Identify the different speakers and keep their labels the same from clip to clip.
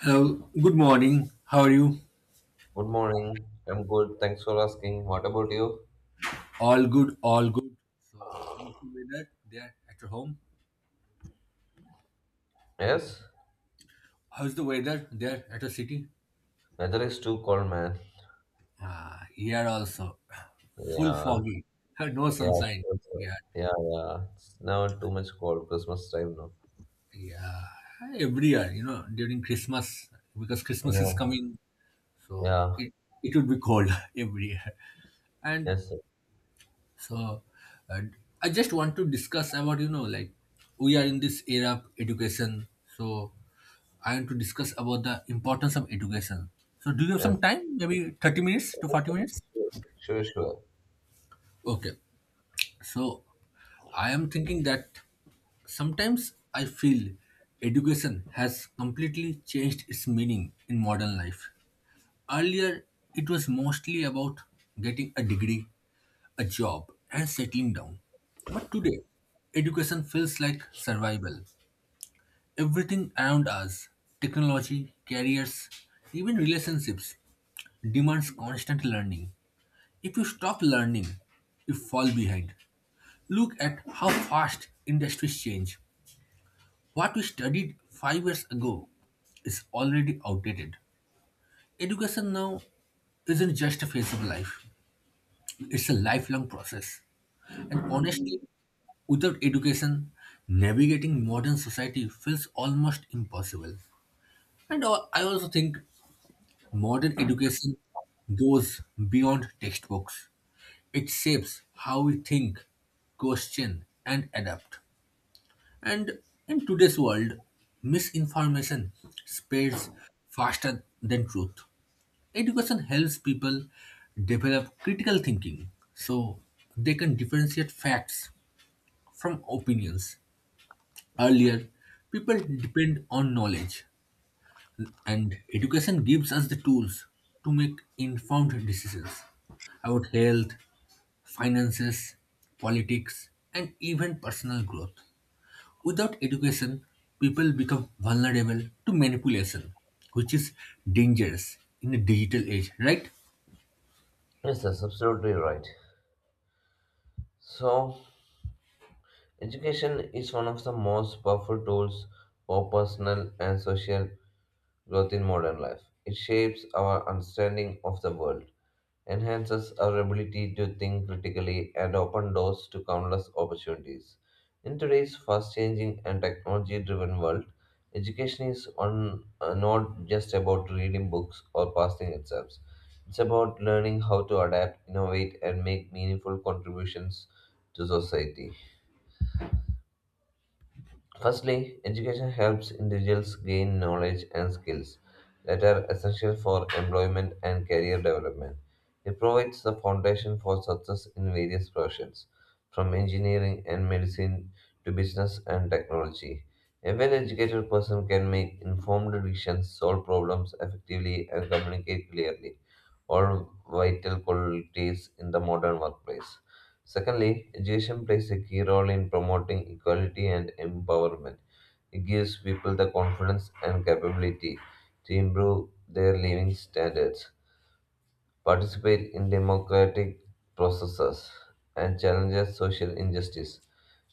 Speaker 1: Hello, good morning. How are you?
Speaker 2: Good morning. I'm good. Thanks for asking. What about you?
Speaker 1: All good, all good. So, how's the weather there at your home?
Speaker 2: Yes,
Speaker 1: How's the weather there at your city?
Speaker 2: weather is too cold, man.
Speaker 1: Ah, here also, full
Speaker 2: Yeah,
Speaker 1: foggy, no
Speaker 2: yeah, also.
Speaker 1: sunshine. Yeah,
Speaker 2: Yeah, yeah. It's now too much cold. Christmas time now.
Speaker 1: yeah. Every year, you know, during Christmas, because Christmas is
Speaker 2: Yeah,
Speaker 1: coming, so
Speaker 2: yeah.
Speaker 1: it would be cold every year. And
Speaker 2: Yes, sir.
Speaker 1: so, and I just want to discuss about like we are in this era of education, so I want to discuss about the importance of education. So, do you have
Speaker 2: Yes,
Speaker 1: some time? Maybe 30 minutes to
Speaker 2: yes,
Speaker 1: 40
Speaker 2: sir.
Speaker 1: minutes?
Speaker 2: Sure, sure, sure.
Speaker 1: Okay. So, I am thinking that sometimes I feel education has completely changed its meaning in modern life. Earlier, it was mostly about getting a degree, a job, and settling down. But today, education feels like survival. Everything around us technology, careers, even relationships demands constant learning. If you stop learning, you fall behind. Look at how fast industries change. What we studied 5 years ago is already outdated. Education now isn't just a phase of life, it's a lifelong process. And honestly, without education, navigating modern society feels almost impossible. And I also think modern education goes beyond textbooks. It shapes how we think, question, and adapt. And in today's world, misinformation spreads faster than truth. Education helps people develop critical thinking so they can differentiate facts from opinions. Earlier, people depend on knowledge, and education gives us the tools to make informed decisions about health, finances, politics, and even personal growth. Without education, people become vulnerable to manipulation, which is dangerous in a digital age, right?
Speaker 2: Yes, that's absolutely right. So, education is one of the most powerful tools for personal and social growth in modern life. It shapes our understanding of the world, enhances our ability to think critically and open doors to countless opportunities. In today's fast changing and technology driven world, education is not just about reading books or passing exams. It's about learning how to adapt, innovate, and make meaningful contributions to society. Firstly, education helps individuals gain knowledge and skills that are essential for employment and career development. It provides the foundation for success in various professions, from engineering and medicine to business and technology. A well educated person can make informed decisions, solve problems effectively, and communicate clearly, all vital qualities in the modern workplace. Secondly, education plays a key role in promoting equality and empowerment. It gives people the confidence and capability to improve their living standards, participate in democratic processes, and challenges social injustice.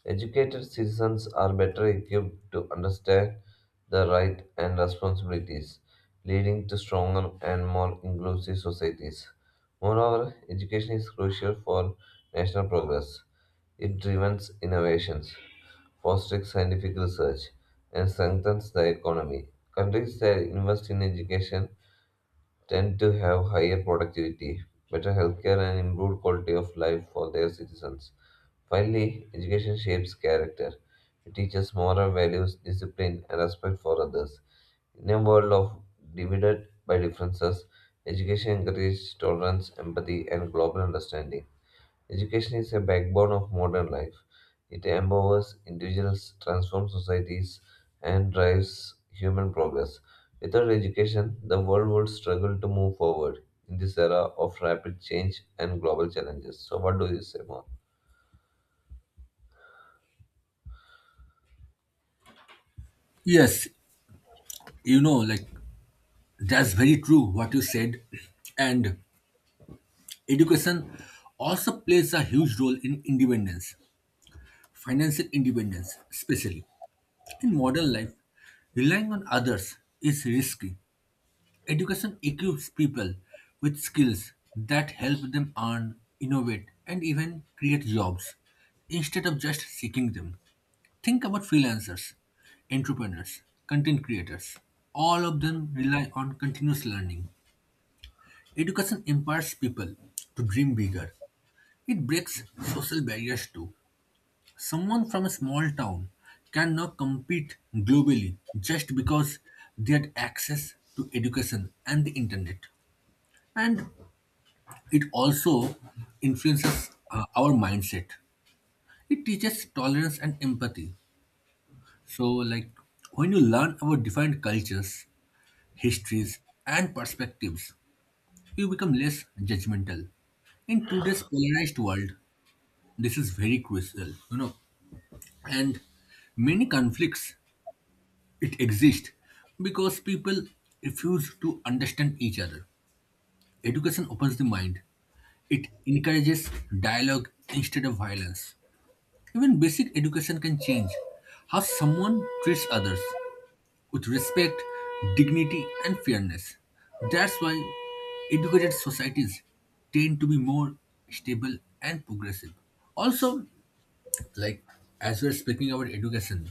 Speaker 2: Educated citizens are better equipped to understand the rights and responsibilities, leading to stronger and more inclusive societies. Moreover, education is crucial for national progress. It drives innovations, fosters scientific research, and strengthens the economy. Countries that invest in education tend to have higher productivity, better healthcare, and improved quality of life for their citizens. Finally, education shapes character. It teaches moral values, discipline, and respect for others. In a world of divided by differences, education encourages tolerance, empathy, and global understanding. Education is a backbone of modern life. It empowers individuals, transforms societies, and drives human progress. Without education, the world would struggle to move forward in this era of rapid change and global challenges. So, what do you say more?
Speaker 1: Yes, you know, like that's very true what you said. And education also plays a huge role in independence, financial independence, especially. In modern life, relying on others is risky. Education equips people with skills that help them earn, innovate, and even create jobs instead of just seeking them. Think about freelancers, entrepreneurs, content creators. All of them rely on continuous learning. Education empowers people to dream bigger. It breaks social barriers too. Someone from a small town can now compete globally just because they had access to education and the internet. And it also influences our mindset. It teaches tolerance and empathy. So, like when you learn about different cultures, histories, and perspectives, you become less judgmental. In today's polarized world, this is very crucial, you know. And many conflicts it exist because people refuse to understand each other. Education opens the mind. It encourages dialogue instead of violence. Even basic education can change how someone treats others with respect, dignity, and fairness. That's why educated societies tend to be more stable and progressive. Also, like as we're speaking about education,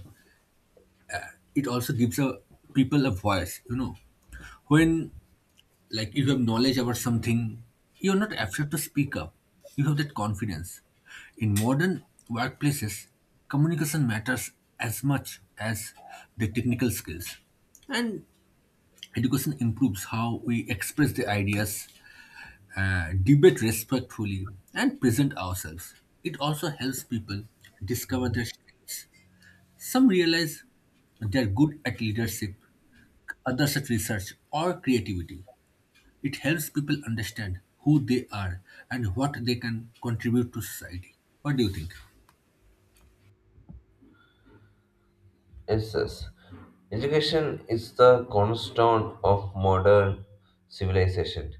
Speaker 1: it also gives a people a voice, you know. When like you have knowledge about something, you're not afraid to speak up. You have that confidence. In modern workplaces, communication matters as much as the technical skills. And education improves how we express the ideas, debate respectfully, and present ourselves. It also helps people discover their strengths. Some realize they are good at leadership, others at research or creativity. It helps people understand who they are and what they can contribute to society. What do you think?
Speaker 2: Yes, yes. Education is the cornerstone of modern civilization.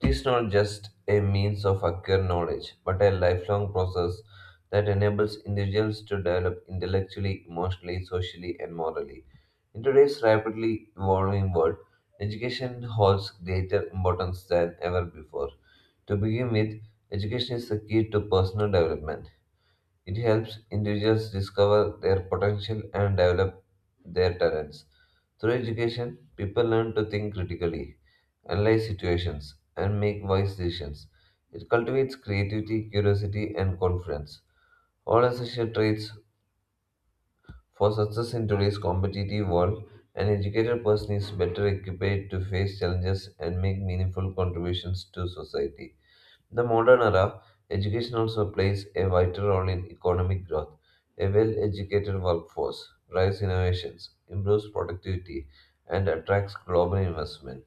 Speaker 2: It is not just a means of acquiring knowledge, but a lifelong process that enables individuals to develop intellectually, emotionally, socially, and morally. In today's rapidly evolving world, education holds greater importance than ever before. To begin with, education is the key to personal development. It helps individuals discover their potential and develop their talents. Through education, people learn to think critically, analyze situations, and make wise decisions. It cultivates creativity, curiosity, and confidence, all essential traits for success in today's competitive world. An educated person is better equipped to face challenges and make meaningful contributions to society. In the modern era, education also plays a vital role in economic growth. A well educated workforce drives innovations, improves productivity, and attracts global investment.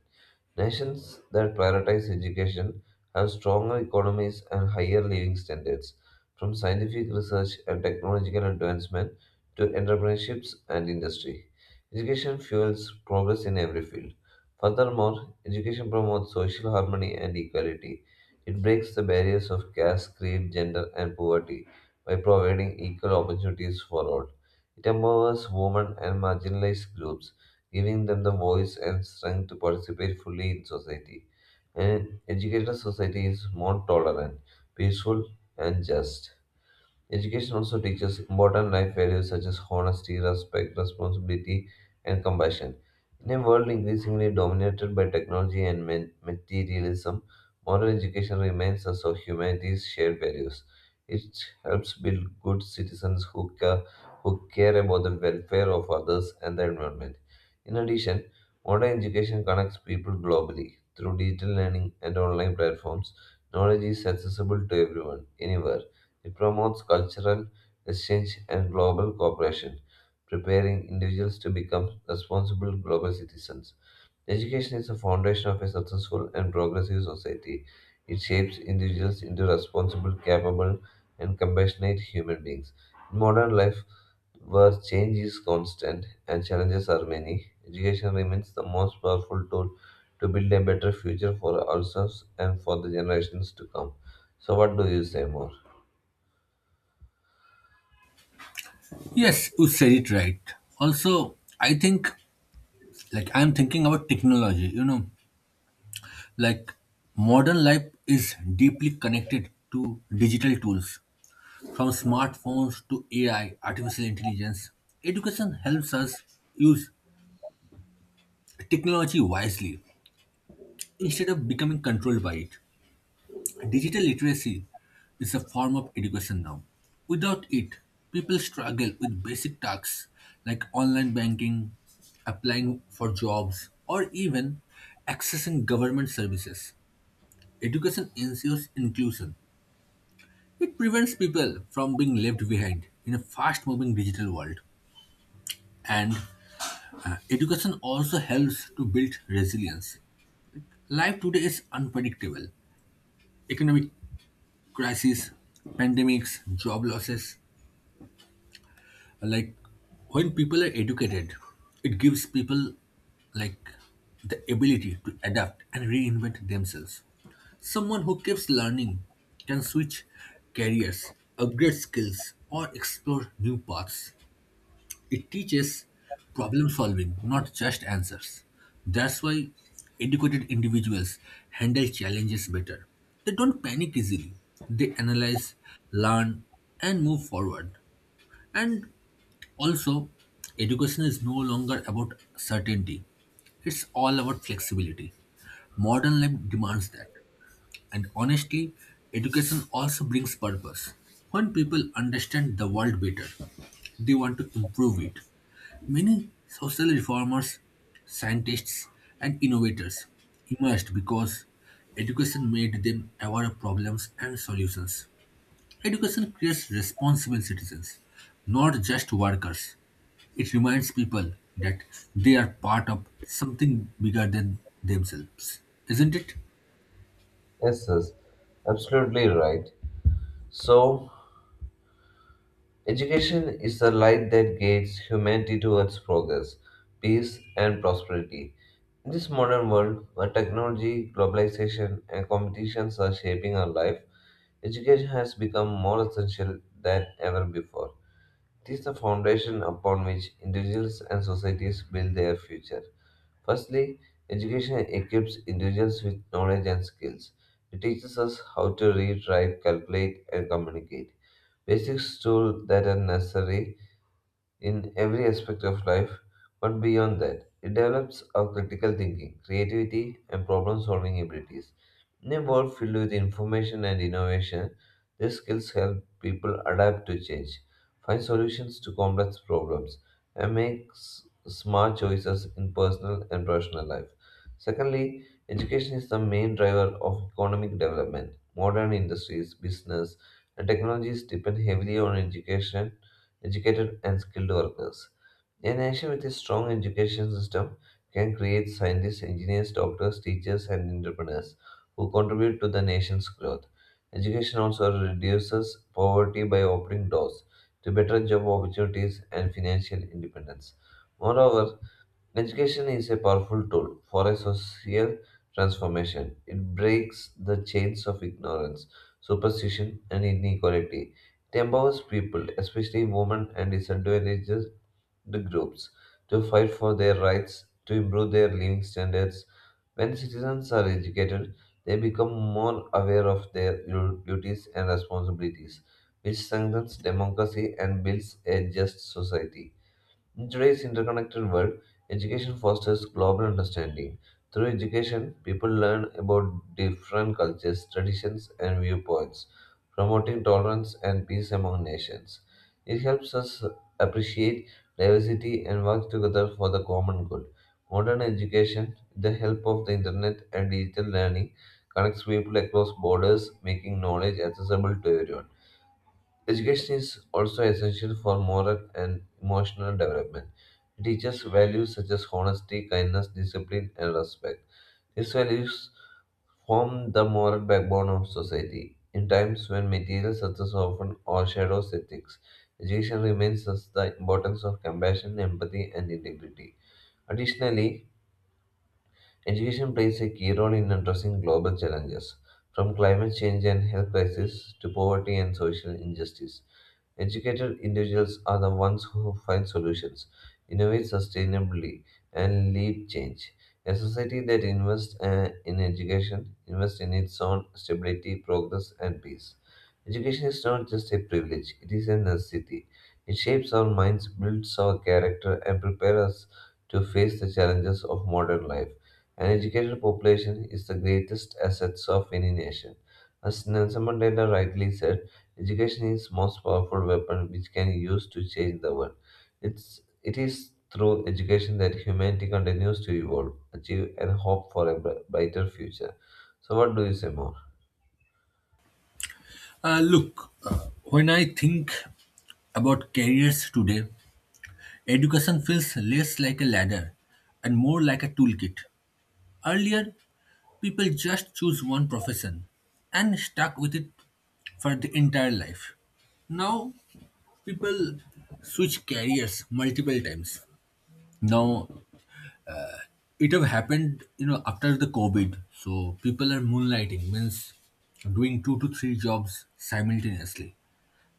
Speaker 2: Nations that prioritize education have stronger economies and higher living standards. From scientific research and technological advancement to entrepreneurships and industry, education fuels progress in every field. Furthermore, education promotes social harmony and equality. It breaks the barriers of caste, creed, gender, and poverty by providing equal opportunities for all. It empowers women and marginalized groups, giving them the voice and strength to participate fully in society. An educated society is more tolerant, peaceful, and just. Education also teaches important life values such as honesty, respect, responsibility, and compassion. In a world increasingly dominated by technology and materialism, modern education reminds us of humanity's shared values. It helps build good citizens who care about the welfare of others and the environment. In addition, modern education connects people globally. Through digital learning and online platforms, knowledge is accessible to everyone, anywhere. It promotes cultural exchange and global cooperation, preparing individuals to become responsible global citizens. Education is the foundation of a successful and progressive society. It shapes individuals into responsible, capable, and compassionate human beings. In modern life, where change is constant and challenges are many, education remains the most powerful tool to build a better future for ourselves and for the generations to come. So, what do you say more?
Speaker 1: Yes, you said it right. Also, I think, like, I'm thinking about technology, you know, like, modern life is deeply connected to digital tools, from smartphones to AI, artificial intelligence. Education helps us use technology wisely instead of becoming controlled by it. Digital literacy is a form of education now. Without it, people struggle with basic tasks like online banking, applying for jobs, or even accessing government services. Education ensures inclusion. It prevents people from being left behind in a fast moving digital world. And education also helps to build resilience. Life today is unpredictable. Economic crises, pandemics, job losses, like when people are educated, it gives people like the ability to adapt and reinvent themselves. Someone who keeps learning can switch careers, upgrade skills, or explore new paths. It teaches problem solving, not just answers. That's why educated individuals handle challenges better. They don't panic easily. They analyze, learn, and move forward. And also, education is no longer about certainty, it's all about flexibility. Modern life demands that. And honestly, education also brings purpose. When people understand the world better, they want to improve it. Many social reformers, scientists, and innovators emerged because education made them aware of problems and solutions. Education creates responsible citizens, not just workers. It reminds people that they are part of something bigger than themselves, isn't it?
Speaker 2: Yes, yes, absolutely right. So, education is the light that guides humanity towards progress, peace, and prosperity. In this modern world, where technology, globalization, and competitions are shaping our life, education has become more essential than ever before. It is the foundation upon which individuals and societies build their future. Firstly, education equips individuals with knowledge and skills. It teaches us how to read, write, calculate, and communicate. Basic tools that are necessary in every aspect of life, but beyond that, it develops our critical thinking, creativity, and problem solving abilities. In a world filled with information and innovation, these skills help people adapt to change, find solutions to complex problems, and make smart choices in personal and professional life. Secondly, education is the main driver of economic development. Modern industries, business, and technologies depend heavily on education, educated and skilled workers. A nation with a strong education system can create scientists, engineers, doctors, teachers, and entrepreneurs who contribute to the nation's growth. Education also reduces poverty by opening doors to better job opportunities and financial independence. Moreover, education is a powerful tool for a social transformation. It breaks the chains of ignorance, superstition, and inequality. It empowers people, especially women and disadvantaged groups, to fight for their rights, to improve their living standards. When citizens are educated, they become more aware of their duties and responsibilities, which strengthens democracy and builds a just society. In today's interconnected world, education fosters global understanding. Through education, people learn about different cultures, traditions, and viewpoints, promoting tolerance and peace among nations. It helps us appreciate diversity and work together for the common good. Modern education, with the help of the internet and digital learning, connects people across borders, making knowledge accessible to everyone. Education is also essential for moral and emotional development. It teaches values such as honesty, kindness, discipline, and respect. These values form the moral backbone of society. In times when material success often overshadows ethics, education reminds us the importance of compassion, empathy, and integrity. Additionally, education plays a key role in addressing global challenges, from climate change and health crisis to poverty and social injustice. Educated individuals are the ones who find solutions, innovate sustainably, and lead change. A society that invests in education invests in its own stability, progress, and peace. Education is not just a privilege, it is a necessity. It shapes our minds, builds our character, and prepares us to face the challenges of modern life. An educated population is the greatest asset of any nation. As Nelson Mandela rightly said, education is the most powerful weapon which can be used to change the world. It is through education that humanity continues to evolve, achieve, and hope for a brighter future. So, what do you say more?
Speaker 1: Look, when I think about careers today, education feels less like a ladder and more like a toolkit. Earlier, people just choose one profession and stuck with it for the entire life. Now, people switch careers multiple times. Now it have happened, you know, after the COVID. So people are moonlighting means doing 2 to 3 jobs simultaneously.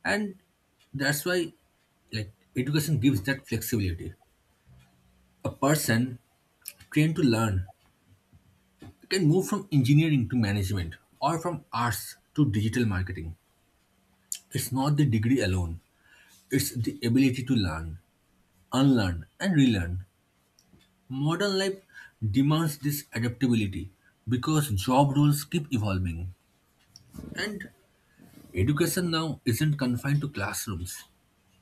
Speaker 1: And that's why like education gives that flexibility. A person trained to learn can move from engineering to management or from arts to digital marketing. It's not the degree alone, it's the ability to learn, unlearn, and relearn. Modern life demands this adaptability because job roles keep evolving. And education now isn't confined to classrooms.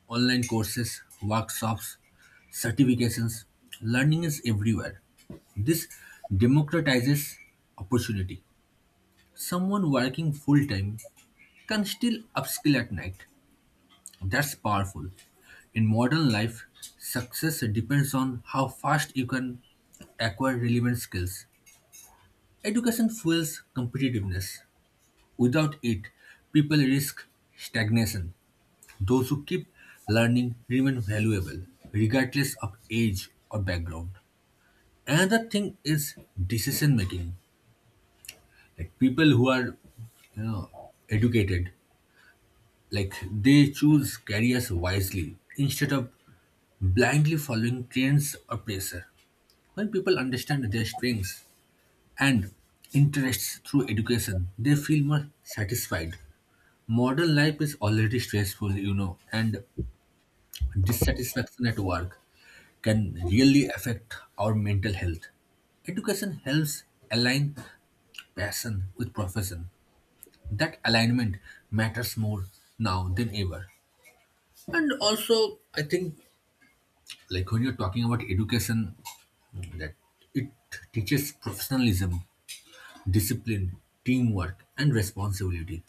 Speaker 1: Online courses, workshops, certifications, learning is everywhere. This democratizes opportunity. Someone working full time can still upskill at night. That's powerful. In modern life, success depends on how fast you can acquire relevant skills. Education fuels competitiveness. Without it, people risk stagnation. Those who keep learning remain valuable, regardless of age or background. Another thing is decision making. Like people who are you know educated, like they choose careers wisely instead of blindly following trends or pressure. When people understand their strengths and interests through education, they feel more satisfied. Modern life is already stressful, you know, and dissatisfaction at work can really affect our mental health. Education helps align passion with profession. That alignment matters more now than ever. And also, I think, like when you're talking about education, that it teaches professionalism, discipline, teamwork, and responsibility.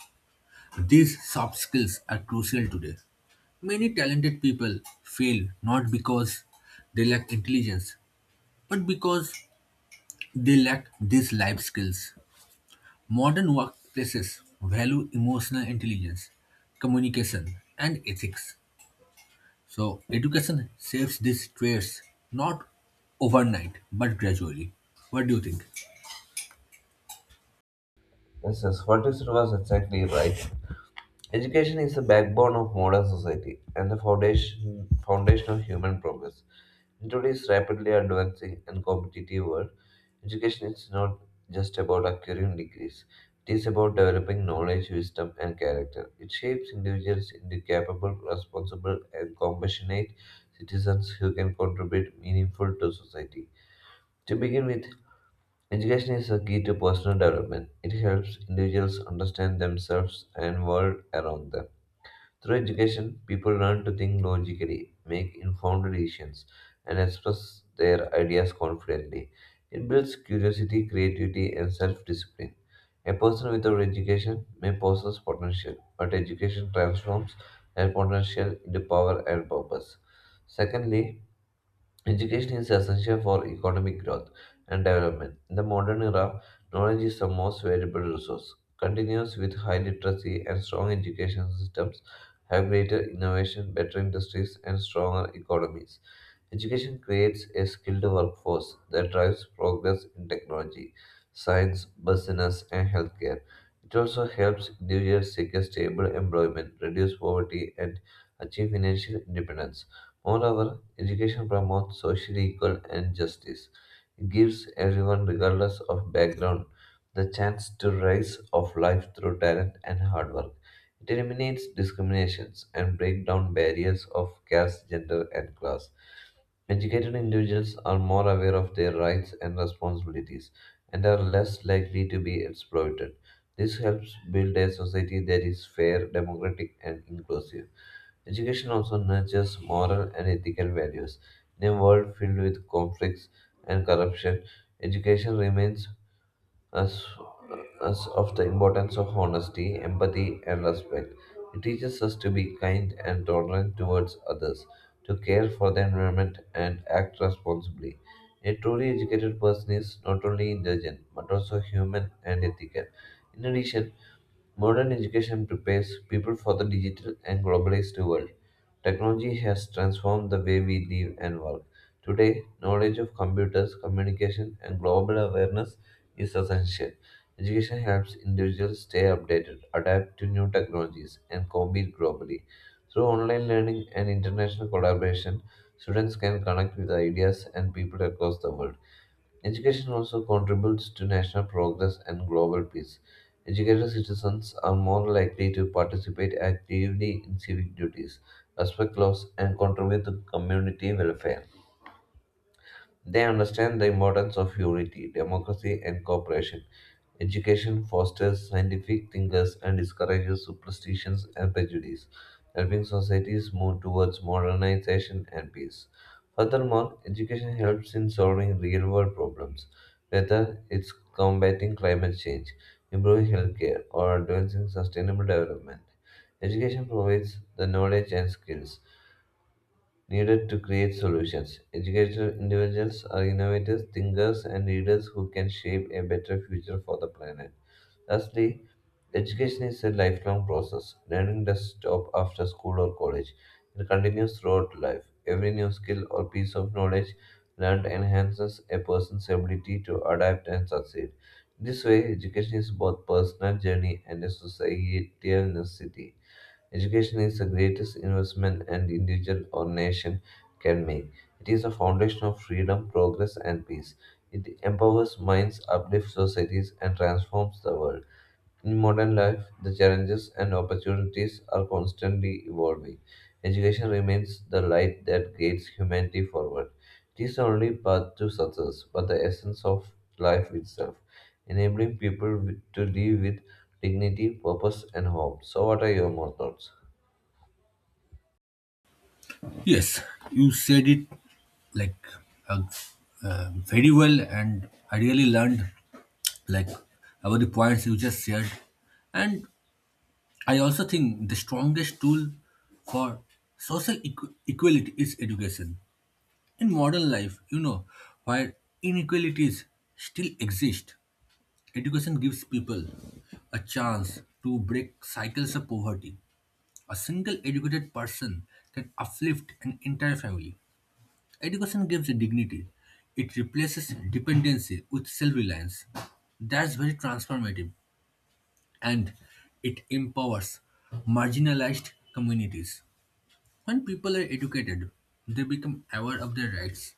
Speaker 1: These soft skills are crucial today. Many talented people fail not because they lack intelligence, but because they lack these life skills. Modern workplaces value emotional intelligence, communication, and ethics. So, education saves these traits, not overnight but gradually. What do you think?
Speaker 2: Yes, yes, what you said was exactly right. Education is the backbone of modern society and the foundation of human progress. In today's rapidly advancing and competitive world, education is not just about acquiring degrees, it is about developing knowledge, wisdom, and character. It shapes individuals into capable, responsible, and compassionate citizens who can contribute meaningful to society. To begin with, education is a key to personal development. It helps individuals understand themselves and world around them. Through education, people learn to think logically, make informed decisions, and express their ideas confidently. It builds curiosity, creativity, and self discipline. A person without education may possess potential, but education transforms that potential into power and purpose. Secondly, education is essential for economic growth and development. In the modern era, knowledge is the most valuable resource. Continuous with high literacy and strong education systems have greater innovation, better industries, and stronger economies. Education creates a skilled workforce that drives progress in technology, science, business, and healthcare. It also helps individuals seek a stable employment, reduce poverty, and achieve financial independence. Moreover, education promotes social equal and justice. It gives everyone, regardless of background, the chance to rise of life through talent and hard work. It eliminates discriminations and break down barriers of caste, gender, and class. Educated individuals are more aware of their rights and responsibilities and are less likely to be exploited. This helps build a society that is fair, democratic, and inclusive. Education also nurtures moral and ethical values. In a world filled with conflicts and corruption, education remains us, us of the importance of honesty, empathy, and respect. It teaches us to be kind and tolerant towards others, to care for the environment, and act responsibly. A truly educated person is not only intelligent but also human and ethical. In addition, modern education prepares people for the digital and globalized world. Technology has transformed the way we live and work. Today, knowledge of computers, communication, and global awareness is essential. Education helps individuals stay updated, adapt to new technologies, and compete globally. Through online learning and international collaboration, students can connect with ideas and people across the world. Education also contributes to national progress and global peace. Educated citizens are more likely to participate actively in civic duties, respect laws, and contribute to community welfare. They understand the importance of unity, democracy, and cooperation. Education fosters scientific thinkers and discourages superstitions and prejudice, helping societies move towards modernization and peace. Furthermore, education helps in solving real world problems, whether it's combating climate change, improving healthcare, or advancing sustainable development. Education provides the knowledge and skills needed to create solutions. Educated individuals are innovators, thinkers, and leaders who can shape a better future for the planet. Lastly, education is a lifelong process. Learning does stop after school or college. It continues throughout life. Every new skill or piece of knowledge learned enhances a person's ability to adapt and succeed. This way, education is both personal journey and a societal necessity. Education is the greatest investment an individual or nation can make. It is the foundation of freedom, progress, and peace. It empowers minds, uplifts societies, and transforms the world. In modern life, the challenges and opportunities are constantly evolving. Education remains the light that guides humanity forward. It is the only path to success, but the essence of life itself, enabling to live with dignity, purpose, and hope. So, what are your more thoughts?
Speaker 1: Yes, you said it like uh, very well, and I really learned like about the points you just shared. And I also think the strongest tool for equality is education. In modern life, you know, where inequalities still exist, education gives people a chance to break cycles of poverty. A single educated person can uplift an entire family. Education gives dignity. It replaces dependency with self-reliance. That's very transformative. And it empowers marginalized communities. When people are educated, they become aware of their rights.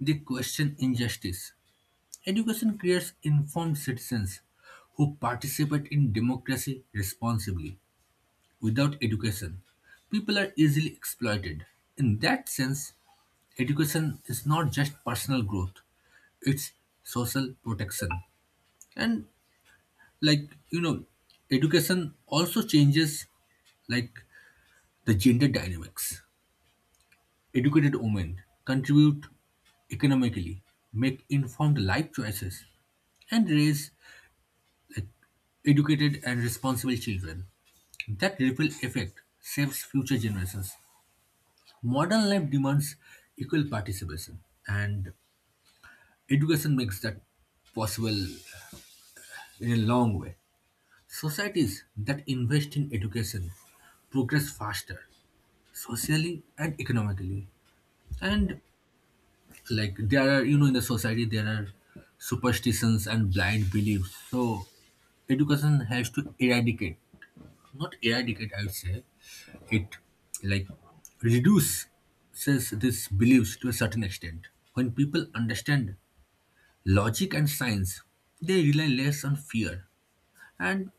Speaker 1: They question injustice. Education creates informed citizens who participate in democracy responsibly. Without education, people are easily exploited. In that sense, education is not just personal growth, it's social protection. And like you know, education also changes like the gender dynamics. Educated women contribute economically, make informed life choices, and raise educated and responsible children. That ripple effect saves future generations. Modern life demands equal participation, and education makes that possible in a long way. Societies that invest in education progress faster, socially and economically. And like there are you know in the society there are superstitions and blind beliefs, so education has to eradicate, not eradicate I would say, it like reduces these beliefs to a certain extent. When people understand logic and science, they rely less on fear. And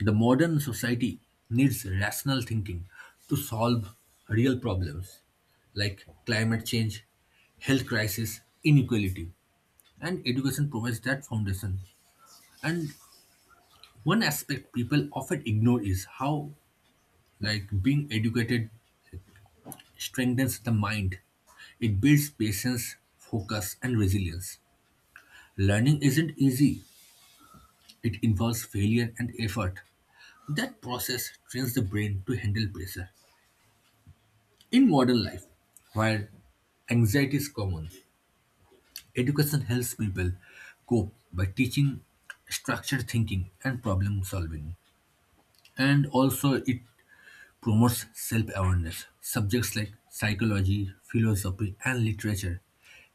Speaker 1: the modern society needs rational thinking to solve real problems like climate change, health crisis, inequality, and education provides that foundation. And one aspect people often ignore is how like being educated strengthens the mind. It builds patience, focus, and resilience. Learning isn't easy, it involves failure and effort. That process trains the brain to handle pressure. In modern life, where anxiety is common, education helps people cope by teaching structured thinking and problem solving. And also it promotes self-awareness. Subjects like psychology, philosophy, and literature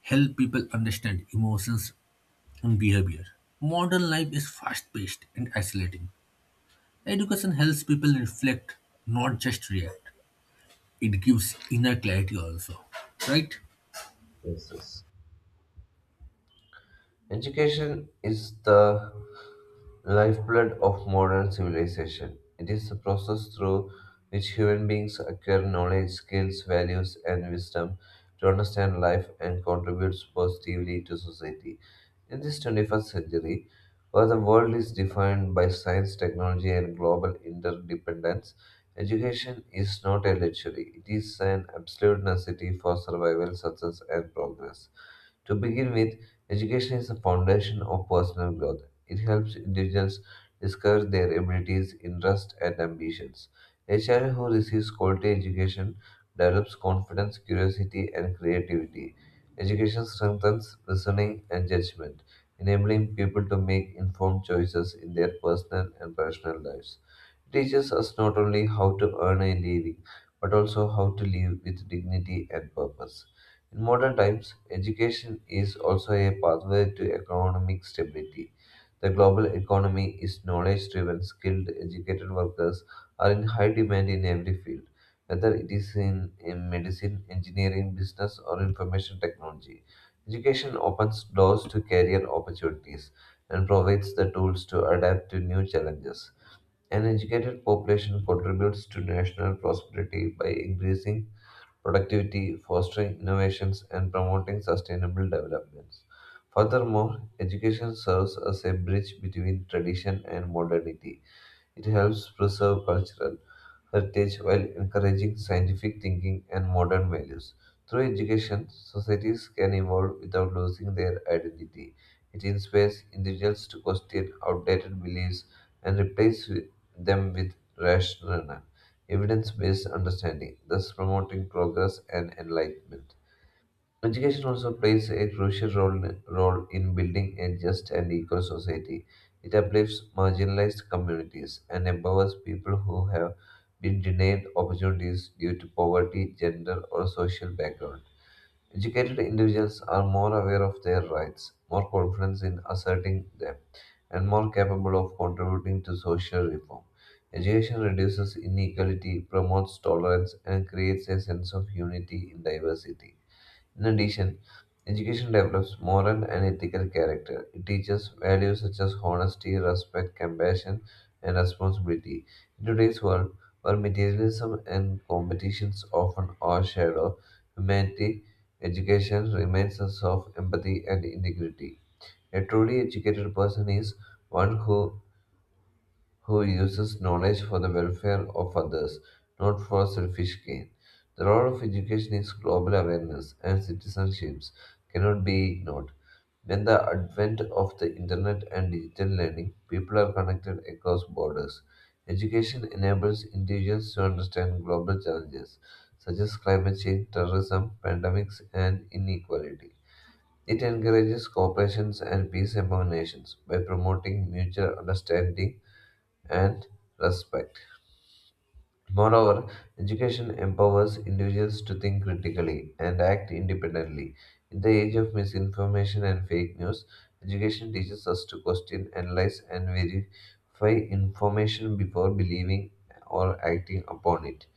Speaker 1: help people understand emotions and behavior. Modern life is fast-paced and isolating. Education helps people reflect, not just react. It gives inner clarity also. Right?
Speaker 2: Yes, yes. Education is the lifeblood of modern civilization. It is the process through which human beings acquire knowledge, skills, values, and wisdom to understand life and contribute positively to society. In this 21st century, where the world is defined by science, technology, and global interdependence, education is not a luxury. It is an absolute necessity for survival, success, and progress. To begin with, education is the foundation of personal growth. It helps individuals discover their abilities, interests, and ambitions. A child who receives quality education develops confidence, curiosity, and creativity. Education strengthens reasoning and judgment, enabling people to make informed choices in their personal and professional lives. It teaches us not only how to earn a living, but also how to live with dignity and purpose. In modern times, education is also a pathway to economic stability. The global economy is knowledge driven, skilled, educated workers are in high demand in every field, whether it is in medicine, engineering, business, or information technology. Education opens doors to career opportunities and provides the tools to adapt to new challenges. An educated population contributes to national prosperity by increasing productivity, fostering innovations, and promoting sustainable developments. Furthermore, education serves as a bridge between tradition and modernity. It helps preserve cultural, heritage while encouraging scientific thinking and modern values. Through education, societies can evolve without losing their identity. It inspires individuals to question outdated beliefs and them with rational, evidence based understanding, thus promoting progress and enlightenment. Education also plays a role in building a just and equal society. It uplifts marginalized communities and empowers people who have been denied opportunities due to poverty, gender, or social background. Educated individuals are more aware of their rights, more confident in asserting them, and more capable of contributing to social reform. Education reduces inequality, promotes tolerance, and creates a sense of unity in diversity. In addition, education develops moral and ethical character. It teaches values such as honesty, respect, compassion, and responsibility. In today's world, where materialism and competitions often overshadow humanity, education reminds us of empathy and integrity. A truly educated person is one who uses knowledge for the welfare of others, not for selfish gain. The role of education is global awareness, and citizenships cannot be ignored. When the advent of the internet and digital learning, people are connected across borders. Education enables individuals to understand global challenges such as climate change, terrorism, pandemics, and inequality. It encourages cooperation and peace among nations by promoting mutual understanding and respect. Moreover, education empowers individuals to think critically and act independently. In the age of misinformation and fake news, education teaches us to question, analyze, and verify information before believing or acting upon it.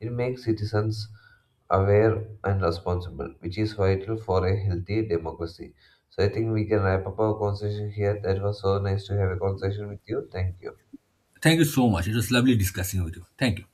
Speaker 2: It makes citizens aware and responsible, which is vital for a healthy democracy. So I think we can wrap up our conversation here. That was so nice to have a conversation with you. Thank you.
Speaker 1: Thank you so much. It was lovely discussing with you. Thank you.